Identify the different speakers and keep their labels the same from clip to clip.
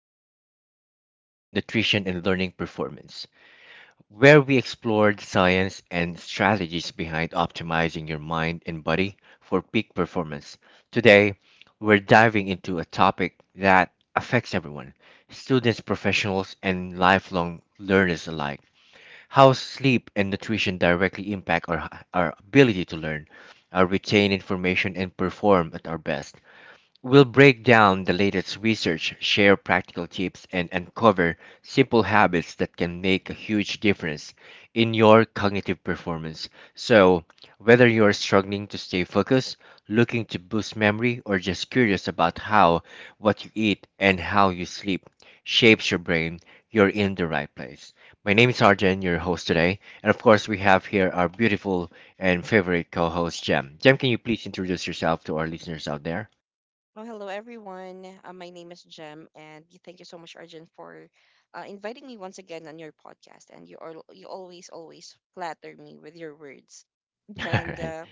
Speaker 1: will be about sleep nutrition and learning performance, where we explore the science and strategies behind optimizing your mind and body for peak performance. Today, we're diving into a topic that affects everyone students, professionals, and lifelong learners alike how sleep and nutrition directly impact our ability to learn, our retain information, and perform at our best. We'll break down the latest research, share practical tips, and uncover simple habits that can make a huge difference in your cognitive performance. So, whether you are struggling to stay focused, looking to boost memory, or just curious about how what you eat and how you sleep shapes your brain, you're in the right place. My name is Arjen, your host today, and of course, we have here our beautiful and favorite co host, Jem. Jem, can you please introduce yourself to our listeners out there?
Speaker 2: Well, hello everyone. My name is Jem, and thank you so much, Arjun, for inviting me once again on your podcast. And you always flatter me with your words.
Speaker 1: All
Speaker 2: And
Speaker 1: right.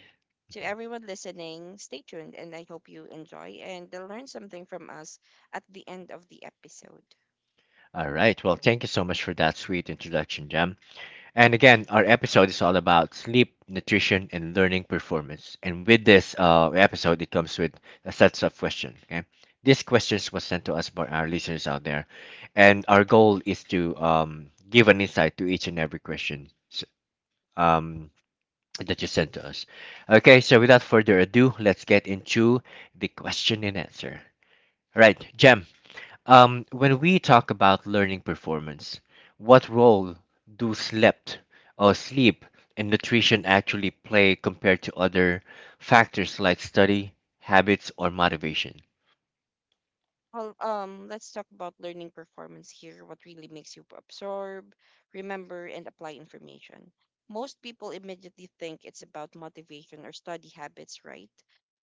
Speaker 2: to everyone listening, stay tuned, and I hope you enjoy and learn something from us at the end of the episode.
Speaker 1: All right. Well, thank you so much for that sweet introduction, Jam. And again, our episode is all about sleep, nutrition, and learning performance. And with this episode, it comes with a set of questions. Okay, these questions was sent to us by our listeners out there, and our goal is to give an insight to each and every um, that you sent to us. Okay, so without further ado, let's get into the question and answer. All right, Jam. When we talk about learning performance, what role do slept or sleep and nutrition actually play compared to other factors like study, habits, or motivation?
Speaker 2: Let's talk about learning performance here, what really makes you absorb, remember, and apply information. Most people immediately think it's about motivation or study habits, right?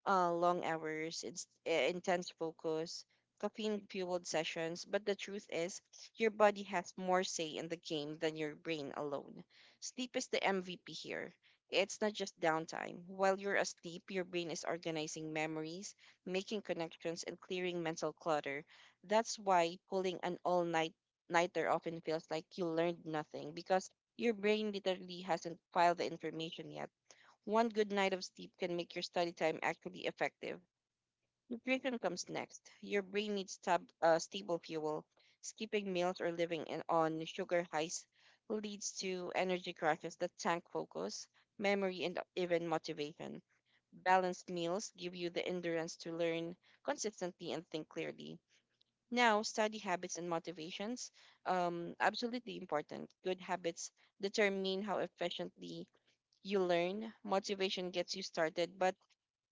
Speaker 2: Long hours, intense focus, caffeine-fueled sessions, but the truth is, your body has more say in the game than your brain alone. Sleep is the MVP here. It's not just downtime. While you're asleep, your brain is organizing memories, making connections, and clearing mental clutter. That's why pulling an all night nighter often feels like you learned nothing because your brain literally hasn't filed the information yet. One good night of sleep can make your study time actually effective. Nutrition comes next. Your brain needs stable fuel. Skipping meals or living on sugar highs leads to energy crashes that tank focus, memory, and even motivation. Balanced meals give you the endurance to learn consistently and think clearly. Now, study habits and motivations. Absolutely important. Good habits determine how efficiently you learn. Motivation gets you started,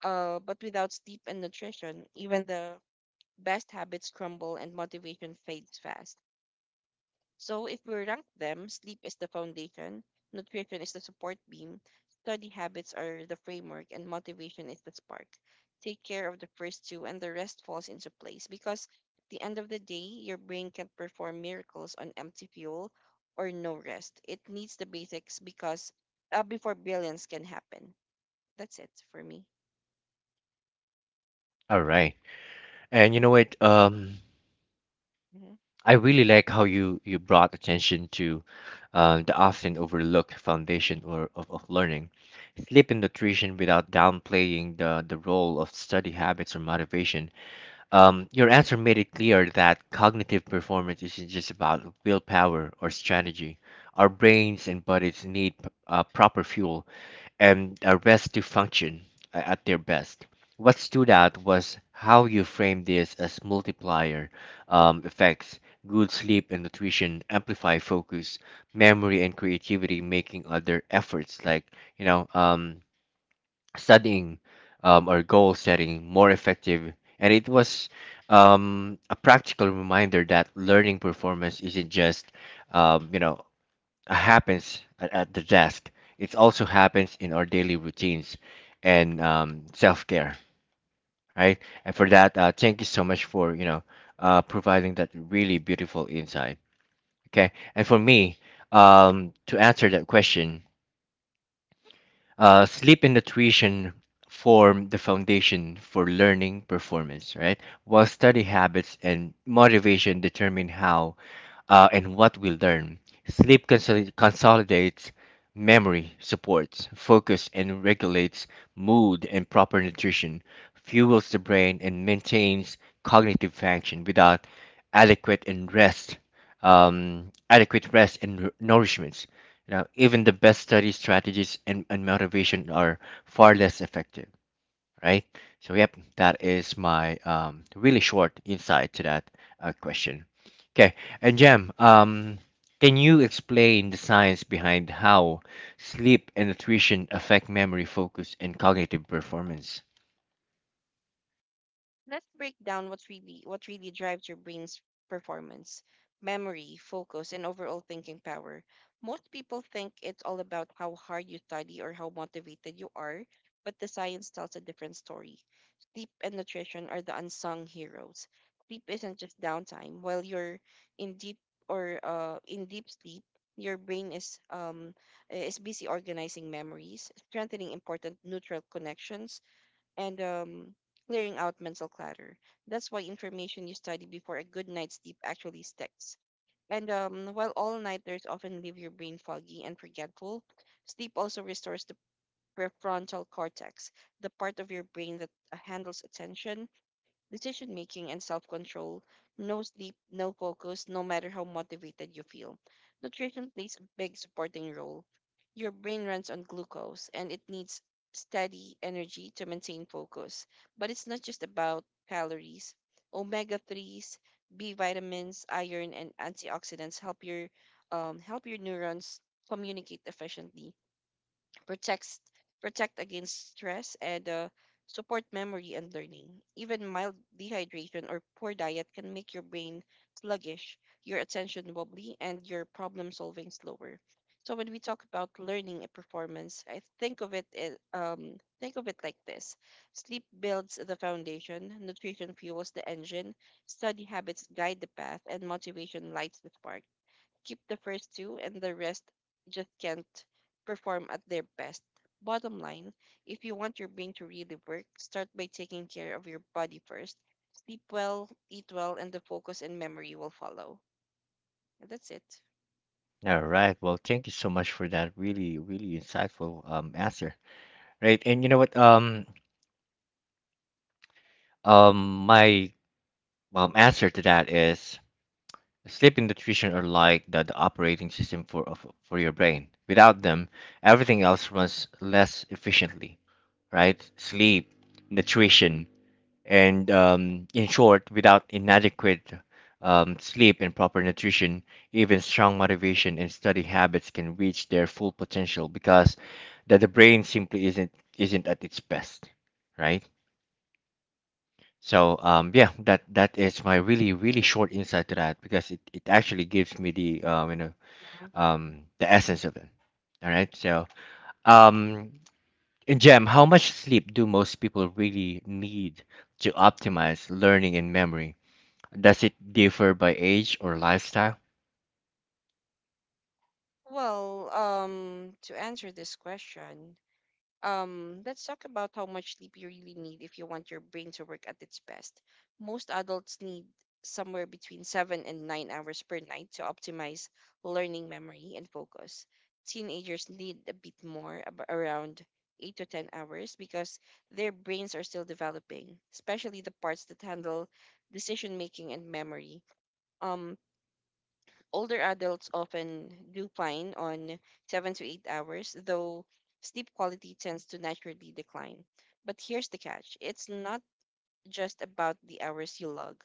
Speaker 2: but without sleep and nutrition, even the best habits crumble and motivation fades fast. So, if we rank them, sleep is the foundation, nutrition is the support beam, study habits are the framework, and motivation is the spark. Take care of the first two, and the rest falls into place because at the end of the day, your brain can't perform miracles on empty fuel or no rest. It needs the basics because before billions can happen. That's it for me.
Speaker 1: All right. And you know what? Um,
Speaker 2: Mm-hmm.
Speaker 1: I really like how you brought attention to the often overlooked foundation or of learning, sleep and nutrition without downplaying the role of study habits or motivation. Your answer made it clear that cognitive performance isn't just about willpower or strategy. Our brains and bodies need proper fuel and a rest to function at their best. What stood out was how you framed this as multiplier effects. Good sleep and nutrition amplify focus, memory, and creativity, making other efforts like you know um, studying or goal setting more effective. And it was a practical reminder that learning performance isn't just, um, you know, happens at the desk. It also happens in our daily routines and self-care, right? And for that, thank you so much for, you know, providing that really beautiful insight. Okay. And for me, to answer that question, sleep and nutrition form the foundation for learning performance, right? While study habits and motivation determine how and what we learn. Sleep consolidates memory, supports focus, and regulates mood and proper nutrition, fuels the brain, and maintains cognitive function without adequate and rest. Adequate rest and nourishments you know, even the best study strategies and motivation are far less effective, right? So, yep, that is my really short insight to that question. Okay, and Jem, can you explain the science behind how sleep and nutrition affect memory, focus, and cognitive performance?
Speaker 2: Let's break down what really drives your brain's performance, memory, focus, and overall thinking power. Most people think it's all about how hard you study or how motivated you are, but the science tells a different story. Sleep and nutrition are the unsung heroes. Sleep isn't just downtime. While you're in deep in deep sleep, your brain is busy organizing memories, strengthening important neutral connections, and clearing out mental clutter. That's why information you study before a good night's sleep actually sticks. And While all nighters often leave your brain foggy and forgetful, sleep also restores the prefrontal cortex, the part of your brain that handles attention, decision making, and self control. No sleep, no focus, no matter how motivated you feel. Nutrition plays a big supporting role. Your brain runs on glucose and it needs steady energy to maintain focus. But it's not just about calories. Omega 3s, B vitamins, iron, and antioxidants help your neurons communicate efficiently, protects protect against stress and support memory and learning. Even mild dehydration or poor diet can make your brain sluggish, your attention wobbly, and your problem solving slower. So when we talk about learning and performance, I think of it as- think of it like this: sleep builds the foundation, nutrition fuels the engine, study habits guide the path, and motivation lights the spark. Keep the first two, and the rest just can't perform at their best. Bottom line, if you want your brain to really work, start by taking care of your body first. Sleep well, eat well, and the focus and memory will follow. And that's it.
Speaker 1: All right. Well, thank you so much for that really, really insightful answer. Right. And you know what? My answer to that is sleep and nutrition are like the operating system for your brain. Without them, everything else runs less efficiently, right? Sleep, nutrition, and in short, without inadequate sleep and proper nutrition, even strong motivation and study habits can reach their full potential because that the brain simply isn't at its best, right? So yeah, that is my really really short insight to that because it actually gives me the
Speaker 2: Yeah.
Speaker 1: the essence of it. All right. So, um, and Jem, how much sleep do most people really need to optimize learning and memory? Does it differ by age or lifestyle?
Speaker 2: To answer this question, let's talk about how much sleep you really need if you want your brain to work at its best. Most adults need somewhere between 7 and 9 hours per night to optimize learning memory and focus. Teenagers need a bit more, around 8 to 10 hours, because their brains are still developing, especially the parts that handle decision making and memory. Um, Older adults often do fine on 7 to 8 hours, though sleep quality tends to naturally decline. But here's the catch, it's not just about the hours you log.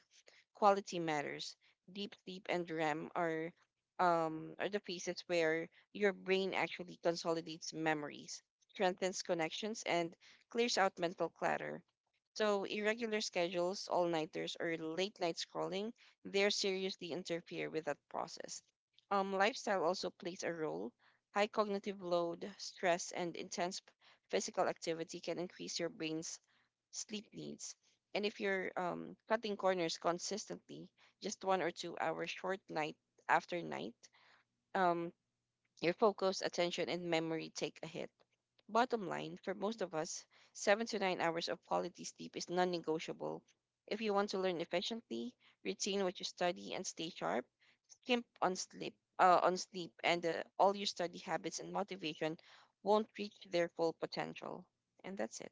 Speaker 2: Quality matters. Deep sleep and REM are the phases where your brain actually consolidates memories, strengthens connections, and clears out mental clutter. So irregular schedules, all-nighters, or late-night scrolling, they seriously interfere with that process. Lifestyle also plays a role. High cognitive load, stress, and physical activity can increase your brain's sleep needs. And if you're cutting corners consistently, just 1 or 2 hours short night after night, um, your focus, attention, and memory take a hit. Bottom line, for most of us, 7 to 9 hours of quality sleep is non negotiable. If you want to learn efficiently, retain what you study and stay sharp, skimp on sleep and all your study habits and motivation won't reach their full potential. And that's it.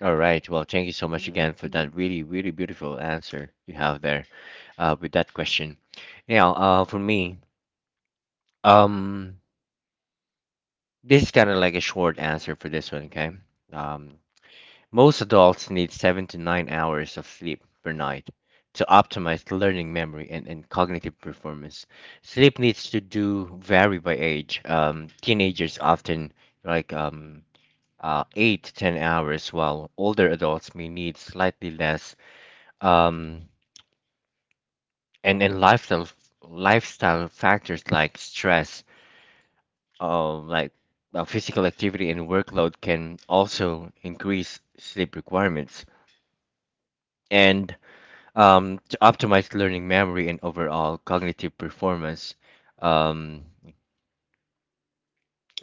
Speaker 1: All right. Well, thank you so much again for that really, really beautiful answer you have there with that question. Now, for me, um, this is kind of like a short answer for this one, okay? Um, Most adults need 7 to 9 hours of sleep per night to optimize learning, memory, and cognitive performance. Sleep needs to do vary by age. Teenagers often like 8 to 10 hours, while older adults may need slightly less. Um, and and lifestyle factors like stress, like physical activity and workload can also increase sleep requirements. And to optimize learning memory and overall cognitive performance. Um,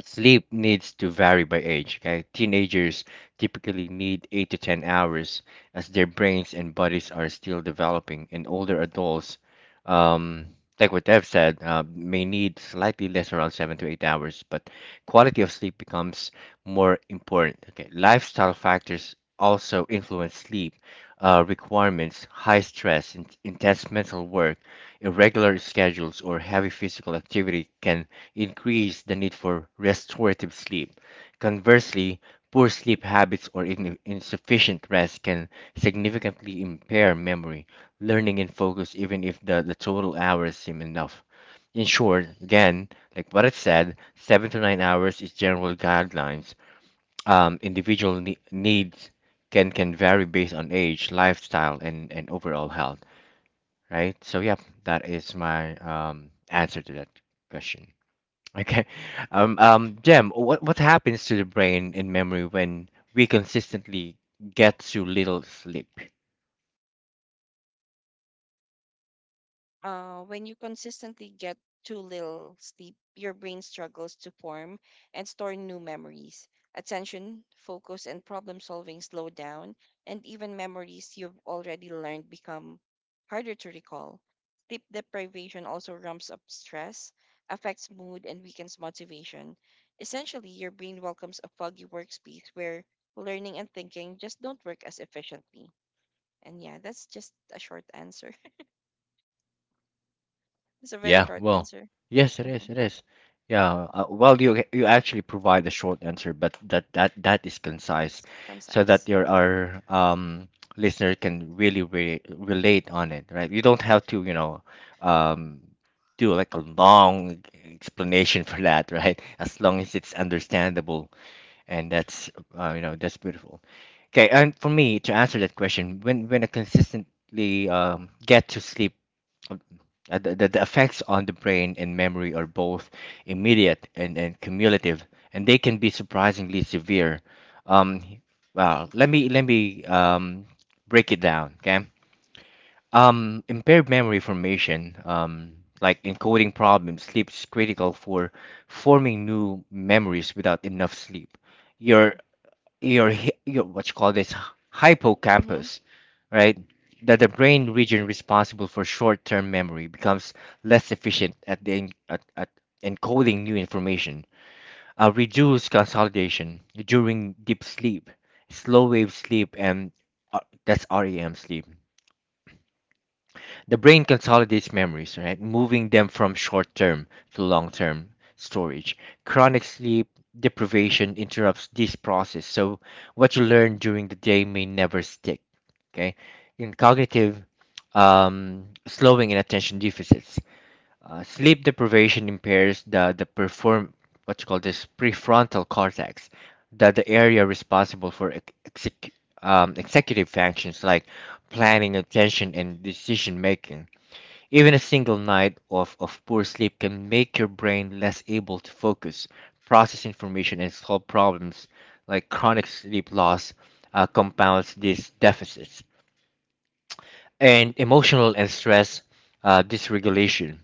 Speaker 1: Sleep needs to vary by age. Okay, teenagers typically need 8 to 10 hours as their brains and bodies are still developing, and older adults um, like what Dev said, may need slightly less, around 7 to 8 hours, but quality of sleep becomes more important. Okay, lifestyle factors also influence sleep requirements, high stress, intense mental work, irregular schedules, or heavy physical activity can increase the need for restorative sleep. Conversely, poor sleep habits or insufficient rest can significantly impair memory learning and focus even if the total hours seem enough. In short, again, like what I said, 7 to 9 hours is general guidelines. Individual needs can vary based on age, lifestyle, and overall health, right? So yeah, that is my answer to that question. Okay, Jem, what happens to the brain and memory when we consistently get too little sleep?
Speaker 2: When you consistently get too little sleep, your brain struggles to form and store new memories. Attention, focus, and problem solving slow down, and even memories you've already learned become harder to recall. Sleep deprivation also ramps up stress, affects mood, and weakens motivation. Essentially, your brain welcomes a foggy workspace where learning and thinking just don't work as efficiently. And yeah, that's just a short answer. It's a very
Speaker 1: Yeah,
Speaker 2: short
Speaker 1: well,
Speaker 2: answer.
Speaker 1: yes, it
Speaker 2: Mm-hmm.
Speaker 1: is. It is. Yeah. Well, you actually provide a short answer, but that is concise,
Speaker 2: It's
Speaker 1: so
Speaker 2: concise.
Speaker 1: that
Speaker 2: Yeah.
Speaker 1: your our listener can really re relate on it, right? You don't have to, you know,
Speaker 2: Mm-hmm.
Speaker 1: um, do like a long explanation for that, right? As long as it's understandable, and that's you know that's beautiful. Okay, and for me to answer that question, when I consistently get to sleep of- the, the effects on the brain and memory are both immediate and cumulative, and they can be surprisingly severe. Um, well, let me break it down. Okay. Impaired memory formation, like encoding problems, sleep is critical for forming new memories without enough sleep. Your your what you call this
Speaker 2: Hmm.
Speaker 1: hippocampus, right? That the brain region responsible for short-term memory becomes less efficient at at encoding new information. Reduced consolidation during deep sleep, slow wave sleep, and uh, that's REM sleep the brain consolidates memories, right? Moving them from short term to long term storage. Chronic sleep deprivation interrupts this process, so what you learn during the day may never stick. Okay. In cognitive slowing and attention deficits, sleep deprivation impairs the perform what you call this prefrontal cortex, the area responsible for executive functions like planning, attention, and decision making even a single night of poor sleep can make your brain less able to focus, process information, and solve problems. Like chronic sleep loss compounds these deficits. And emotional and stress dysregulation.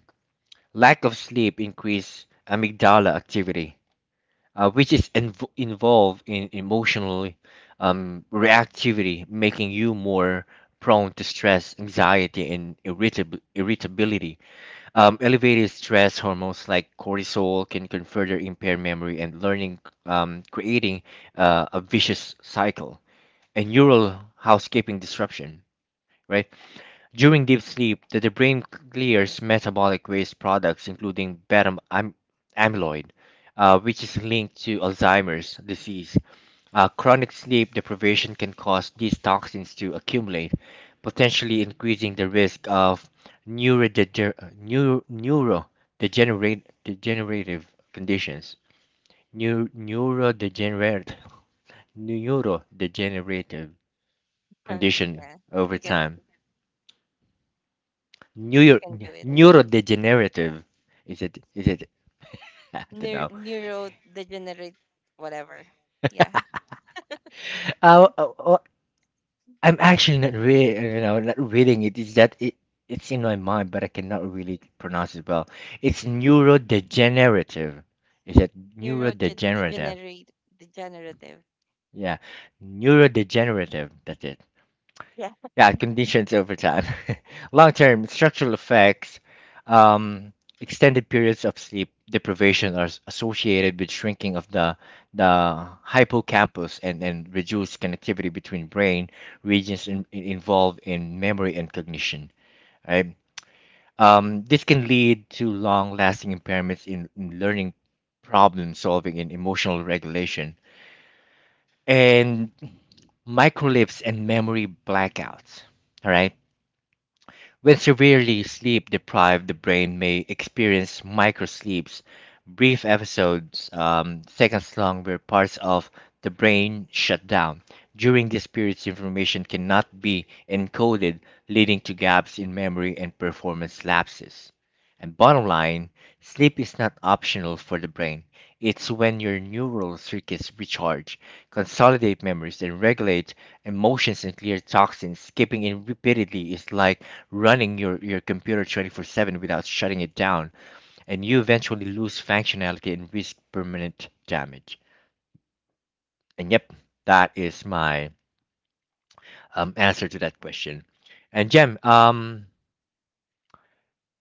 Speaker 1: Lack of sleep increase amygdala activity, which is involved in emotional reactivity, making you more prone to stress, anxiety, and irritability elevated stress hormones like cortisol can further impair memory and learning, creating a vicious cycle and neural housekeeping disruption. Right during deep sleep, the brain clears metabolic waste products, including beta amyloid, which is linked to Alzheimer's disease chronic sleep deprivation can cause these toxins to accumulate, potentially increasing the risk of degenerative conditions. Neu- neurodegenerate- Neurodegenerative
Speaker 2: Huh.
Speaker 1: condition
Speaker 2: Yeah.
Speaker 1: over
Speaker 2: You can
Speaker 1: time.
Speaker 2: you
Speaker 1: Neuro-
Speaker 2: can do it.
Speaker 1: Neurodegenerative. Is it? Is it? I don't know.
Speaker 2: Neurodegenerate, whatever. Yeah.
Speaker 1: Uh, uh, I'm actually not really, you know, not reading it. Is that it? It's in my mind, but I cannot really pronounce it well. It's neurodegenerative. Is it neurodegenerative?
Speaker 2: Neurodegenerate, degenerative.
Speaker 1: Yeah, neurodegenerative. That's it
Speaker 2: Yeah.
Speaker 1: yeah, conditions over time, long-term structural effects, um, extended periods of sleep deprivation are associated with shrinking of the hippocampus and reduced connectivity between brain regions in, involved in memory and cognition. Right? This can lead to long-lasting impairments in learning, problem solving, and emotional regulation, and microlips and memory blackouts. All right when severely sleep deprived, the brain may experience microsleeps, brief episodes, seconds long, where parts of the brain shut down. During these periods, information cannot be encoded, leading to gaps in memory and performance lapses. And bottom line, sleep is not optional for the brain. It's when your neural circuits recharge, consolidate memories, and regulate emotions and clear toxins. Skipping it repeatedly is like running your computer 24/7 without shutting it down, and you eventually lose functionality and risk permanent damage. And yep, that is my answer to that question. And Jem, um,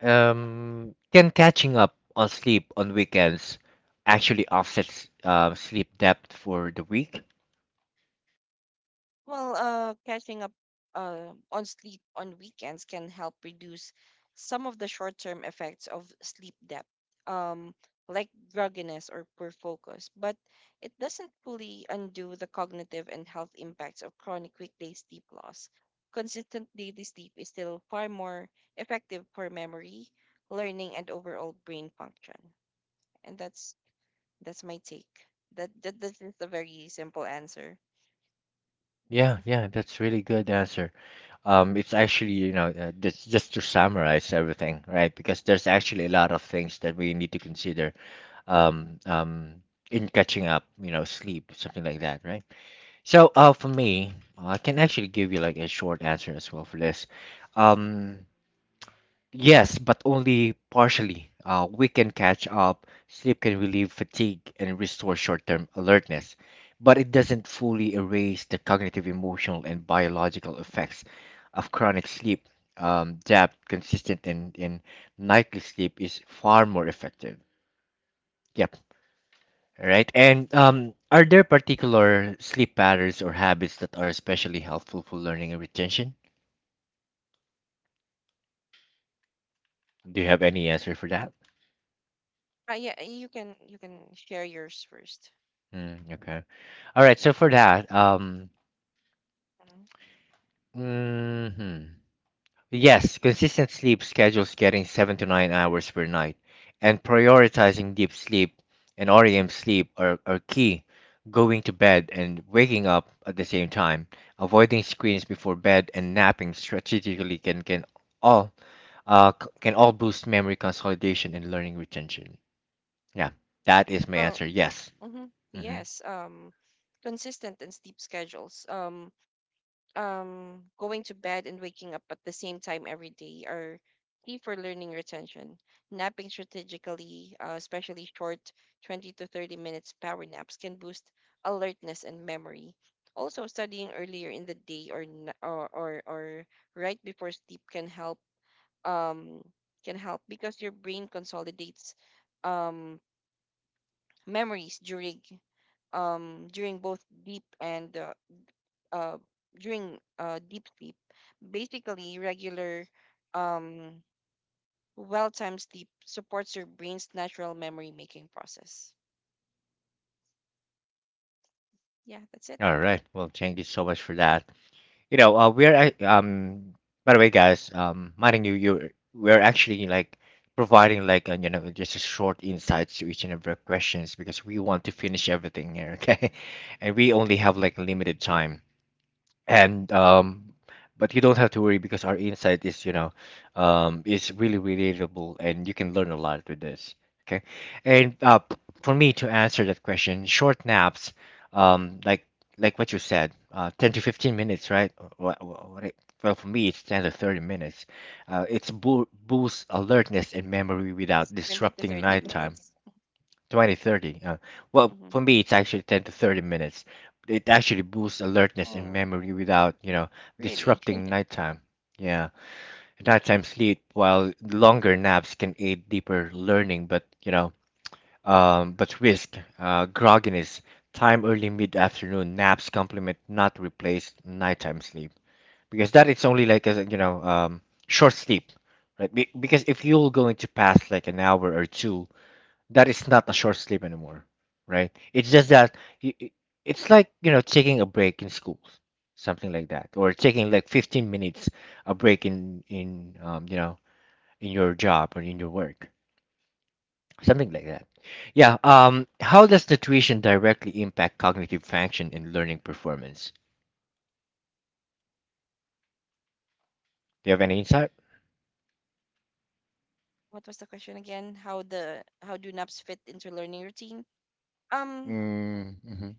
Speaker 1: um, can catching up on sleep on weekends actually offsets sleep debt for the week?
Speaker 2: Catching up on sleep on weekends can help reduce some of the short-term effects of sleep debt, um, like grogginess or poor focus. But it doesn't fully undo the cognitive and health impacts of chronic weekday sleep loss. Consistent daily sleep is still far more effective for memory, learning, and overall brain function. And that's my take. That is the very simple answer.
Speaker 1: Yeah, yeah, that's really good answer. It's actually, just to summarize everything, right? Because there's actually a lot of things that we need to consider um, um, in catching up, sleep, something like that, right? So, for me, well, I can actually give you like a short answer as well for this. Um, yes, but only partially. We can catch up. Sleep can relieve fatigue and restore short-term alertness, but it doesn't fully erase the cognitive, emotional, and biological effects of chronic sleep. Depth, consistent, and nightly sleep is far more effective. Yep. Right. And are there particular sleep patterns or habits that are especially helpful for learning and retention? Do you have any answer for that?
Speaker 2: Yeah, you can share yours 1st.
Speaker 1: Mm, okay. All right. So for that,
Speaker 2: Hmm.
Speaker 1: mhm. Yes, consistent sleep schedules getting 7 to 9 hours per night and prioritizing deep sleep and REM sleep are key. Going to bed and waking up at the same time, avoiding screens before bed and napping strategically all can all boost memory consolidation and learning retention. Yeah, that is my
Speaker 2: Oh,
Speaker 1: answer. Yes.
Speaker 2: mm-hmm.
Speaker 1: Mhm.
Speaker 2: Yes. Consistent and steep schedules. Going to bed and waking up at the same time every day are key for learning retention. Napping strategically, especially short 20 to 30 minutes power naps, can boost alertness and memory. Also, studying earlier in the day or n- or right before sleep can help, um, can help because your brain consolidates um, memories during during both deep and uh, during deep sleep. Basically, regular, um, well-timed sleep supports your brain's natural memory-making process. Yeah, that's it.
Speaker 1: All right. Well, thank you so much for that. You know, uh, we're ac- um. By the way, guys, mind you, we're actually like providing like just a short insights to each and every questions because we want to finish everything here, okay? And we only have like limited time. And but you don't have to worry because our insight is really relatable and you can learn a lot with this. Okay. And for me to answer that question, short naps, um like like what you said, 10 to 15 minutes, right? what, what it, well, for me, it's 10 to 30 minutes. It's boosts alertness and memory without
Speaker 2: It's 20 to
Speaker 1: disrupting
Speaker 2: 30
Speaker 1: nighttime.
Speaker 2: minutes.
Speaker 1: 20, 30. Well,
Speaker 2: Mhm.
Speaker 1: for me, it's actually 10 to 30 minutes. It actually boosts alertness and
Speaker 2: Oh,
Speaker 1: memory without,
Speaker 2: really?
Speaker 1: disrupting nighttime. Yeah, nighttime sleep, while longer naps can aid deeper learning, but, risk grogginess. Time early mid-afternoon naps complement, not replace nighttime sleep. Because that it's only like as a, short sleep, right? Be because if you're going to pass like an hour or two, that is not a short sleep anymore, right? It's just that y- y- it's like taking a break in school, something like that, or taking like 15 minutes a break in your job or in your work, something like that. Yeah. How does nutrition directly impact cognitive function and learning performance? Do you have any insight?
Speaker 2: What was the question again? How do naps fit into learning routine? Um,
Speaker 1: Mm-hmm.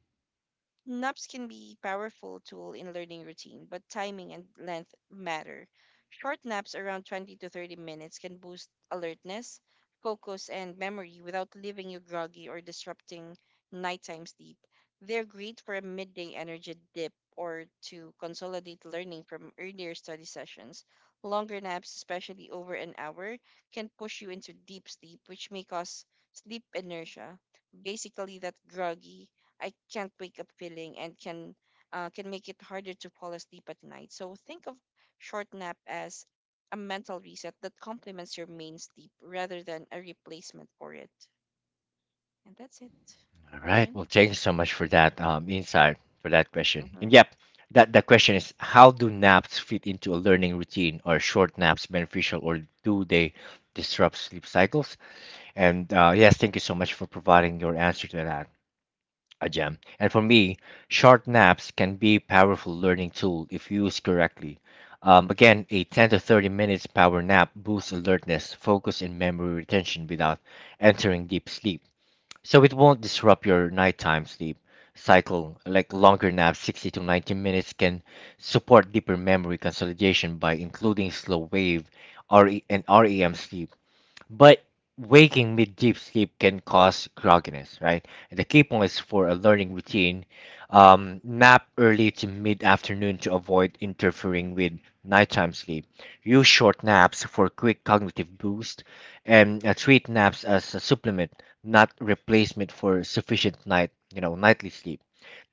Speaker 2: Naps can be powerful tool in learning routine, but timing and length matter. Short naps around 20 to 30 minutes can boost alertness, focus, and memory without leaving you groggy or disrupting nighttime sleep. They're great for a midday energy dip or to consolidate learning from earlier study sessions. Longer naps, especially over an hour, can push you into deep sleep, which may cause sleep inertia, basically that groggy I can't wake up feeling, and can make it harder to fall asleep at night. So think of short nap as a mental reset that complements your main sleep rather than a replacement for it. And that's it,
Speaker 1: All right.
Speaker 2: Arjun.
Speaker 1: Well, thank you so much for that insight for that question. And
Speaker 2: Mhm.
Speaker 1: yep, that the question is how do naps fit into a learning routine? Are short naps beneficial or do they disrupt sleep cycles? And yes, thank you so much for providing your answer to that, Ajam. And for me, short naps can be powerful learning tool if used correctly. Again, a 10 to 30 minutes power nap boosts alertness, focus, and memory retention without entering deep sleep so it won't disrupt your nighttime sleep cycle. Like longer naps, 60 to 90 minutes, can support deeper memory consolidation by including slow wave RE and REM sleep, but waking mid deep sleep can cause grogginess, right? And the key point is for a learning routine. Nap early to mid afternoon to avoid interfering with nighttime sleep. Use short naps for quick cognitive boost and treat naps as a supplement, not replacement for sufficient night, nightly sleep.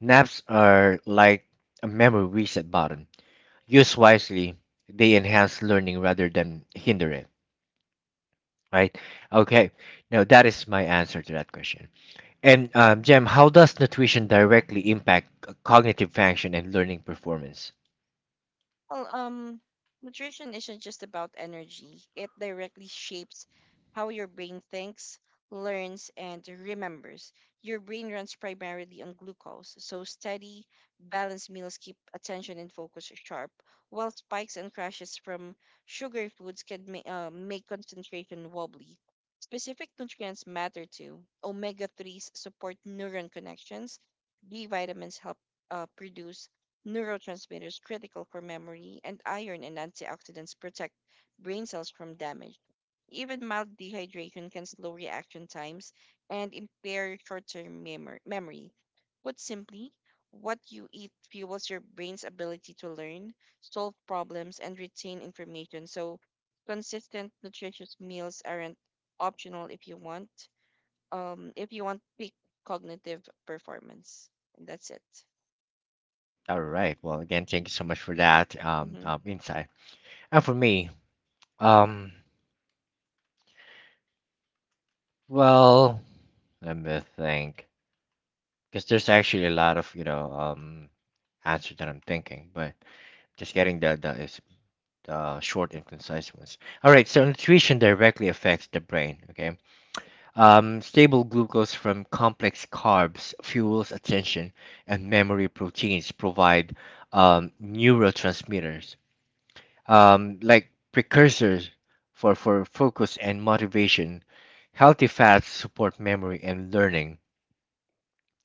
Speaker 1: Naps are like a memory reset button. Use wisely, they enhance learning rather than hinder it, right? Okay, now that is my answer to that question. And Jem, how does nutrition directly impact cognitive function and learning performance?
Speaker 2: Well, um, Nutrition isn't just about energy. It directly shapes how your brain thinks, learns, and remembers. Your brain runs primarily on glucose, so steady, balanced meals keep attention and focus sharp, while spikes and crashes from sugar foods can make concentration wobbly. Specific nutrients matter too. Omega 3s support neuron connections, B vitamins help produce neurotransmitters critical for memory, and iron and antioxidants protect brain cells from damage. Even mild dehydration can slow reaction times and impair short-term memory. Put simply, what you eat fuels your brain's ability to learn, solve problems, and retain information. So, consistent nutritious meals aren't optional if you want peak cognitive performance. And that's it.
Speaker 1: All right. Well, again, thank you so much for that
Speaker 2: Hmm.
Speaker 1: insight. And for me, um, well, let me think, because there's actually a lot of answer that I'm thinking, but just getting the is the short and concise ones. All right. So nutrition directly affects the brain. Okay. Stable glucose from complex carbs fuels attention, and memory proteins provide neurotransmitters, like precursors for focus and motivation. Healthy fats support memory and learning,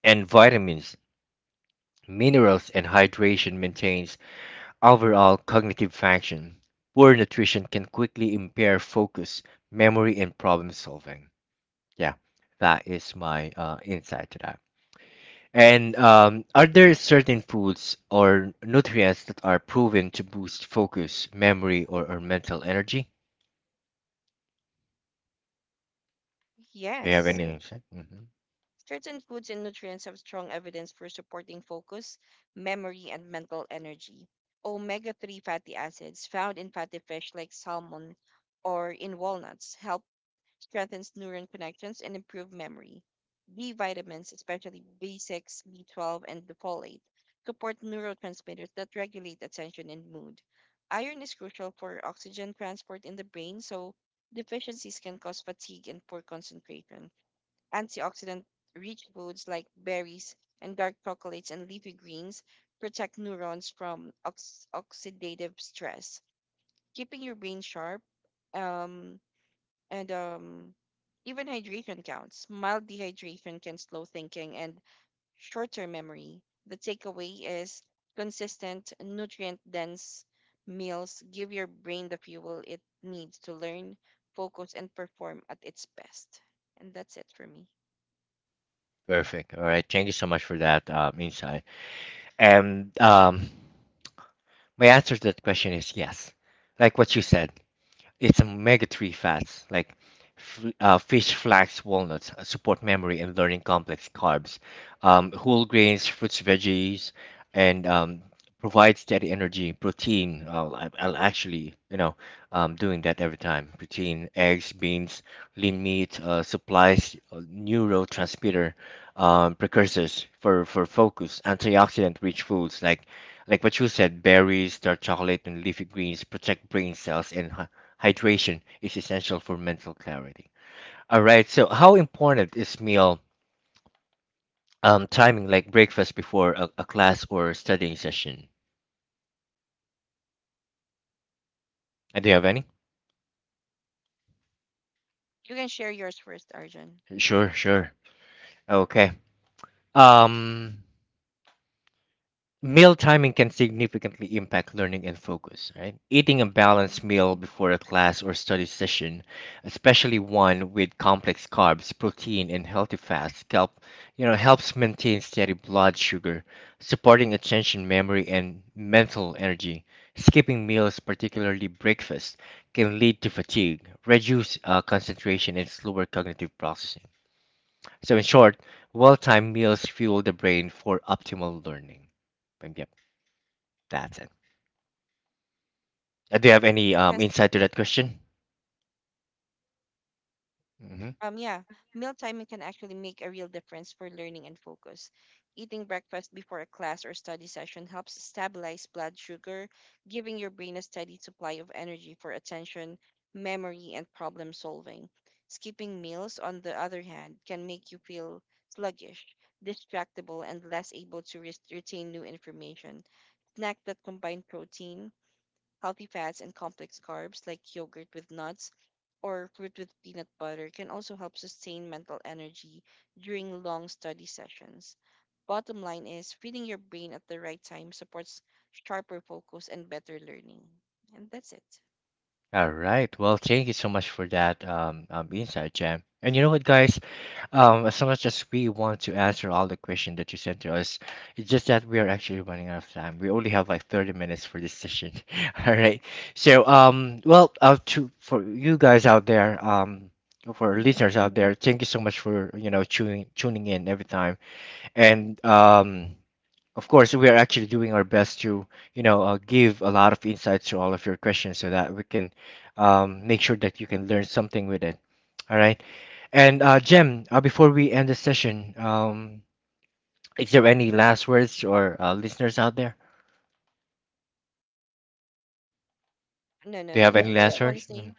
Speaker 1: and vitamins, minerals, and hydration maintains overall cognitive function. Poor nutrition can quickly impair focus, memory, and problem solving. Yeah, that is my insight to that. And are there certain foods or nutrients that are proven to boost focus, memory, or mental energy? Do you have
Speaker 2: Yes.
Speaker 1: any insight?
Speaker 2: Certain foods and nutrients have strong evidence for supporting focus, memory, and mental energy. Omega 3 fatty acids found in fatty fish like salmon or in walnuts help strengthen neuron connections and improve memory. B vitamins, especially B6, B12, and the folate, support neurotransmitters that regulate attention and mood. Iron is crucial for oxygen transport in the brain, so deficiencies can cause fatigue and poor concentration. Antioxidant rich foods like berries and dark chocolates and leafy greens protect neurons from oxidative stress, keeping your brain sharp. Um, and Even hydration counts. Mild dehydration can slow thinking and short term memory. The takeaway is consistent, nutrient dense meals give your brain the fuel it needs to learn, focus, and perform at its best. And that's it for me.
Speaker 1: Perfect. All right. Thank you so much for that insight. And my answer to that question is yes, like what you said, it's omega-3 fats like fish, flax, walnuts support memory and learning complex carbs. Whole grains, fruits, veggies, and provide steady energy. Protein, I'll actually, doing that every time. Protein, eggs, beans, lean meat, supplies, neurotransmitter precursors for focus, antioxidant-rich foods like what you said, berries, dark chocolate, and leafy greens protect brain cells, and hydration is essential for mental clarity. All right, so how important is meal timing, like breakfast before a class or studying session? Do you have any?
Speaker 2: You can share yours first, Arjun.
Speaker 1: Sure, sure. Okay. Um, Meal timing can significantly impact learning and focus, right? Eating a
Speaker 2: Mhm.
Speaker 1: balanced meal before a class or study session, especially one with complex carbs, protein, and healthy fats, helps maintain steady blood sugar, supporting attention, memory, and mental energy. Skipping meals, particularly breakfast, can lead to fatigue, reduce concentration, and slower cognitive processing. So, in short, well-timed meals fuel the brain for optimal learning. Bam, that's it. Do you have any
Speaker 2: Yes.
Speaker 1: insight to that question? Hmm.
Speaker 2: Um, yeah, Meal timing can actually make a real difference for learning and focus. Eating breakfast before a class or study session helps stabilize blood sugar, giving your brain a steady supply of energy for attention, memory, and problem solving. Skipping meals, on the other hand, can make you feel sluggish, distractible, and less able to retain new information. Snack that combine protein, healthy fats and complex carbs like yogurt with nuts or fruit with peanut butter can also help sustain mental energy during long study sessions. Bottom line is feeding your brain at the right time supports sharper focus and better learning. And that's it.
Speaker 1: All right. Well, thank you so much for that insight, Jam. And you know what, guys? As much as we want to answer all the questions that you sent to us, it's just that we are actually running out of time. We only have like 30 minutes for this session. All right. So, well, to for you guys out there, for our
Speaker 2: Hmm.
Speaker 1: listeners out there, thank you so much for tuning in every time. And of course, we are actually doing our best to, give a lot of insights to all of your questions so that we can make sure that you can learn something with it. All right. And Jem, before we end the session, is there any last words or listeners out there?
Speaker 2: No, no,
Speaker 1: Do you
Speaker 2: no.
Speaker 1: have, yeah,
Speaker 2: J-
Speaker 1: any last
Speaker 2: Just want to
Speaker 1: words?
Speaker 2: say,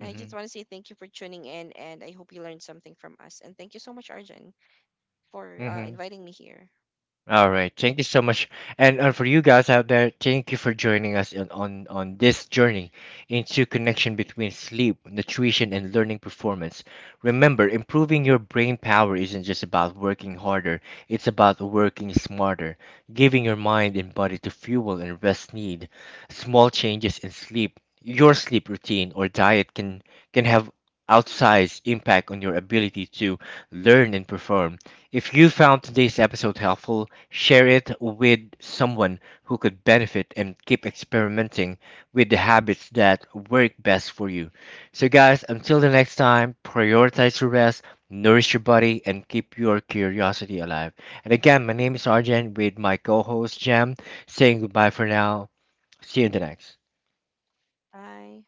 Speaker 2: no, I just want to say thank you for tuning in, and I hope you learned something from us. And thank you so much, Arjun, for
Speaker 1: Mm-hmm.
Speaker 2: inviting me here.
Speaker 1: All right. Thank you so much. And for you guys out there, thank you for joining us on this journey into connection between sleep, nutrition, and learning performance. Remember, improving your brain power isn't just about working harder, it's about working smarter, giving your mind and body to fuel and rest need. Small changes in sleep, your sleep routine or diet can have outsized impact on your ability to learn and perform. If you found today's episode helpful, share it with someone who could benefit and keep experimenting with the habits that work best for you. So, guys, until the next time, prioritize your rest, nourish your body, and keep your curiosity alive. And again, my name is Arjen with my co host Jam saying goodbye for now. See you in the next.
Speaker 2: Bye.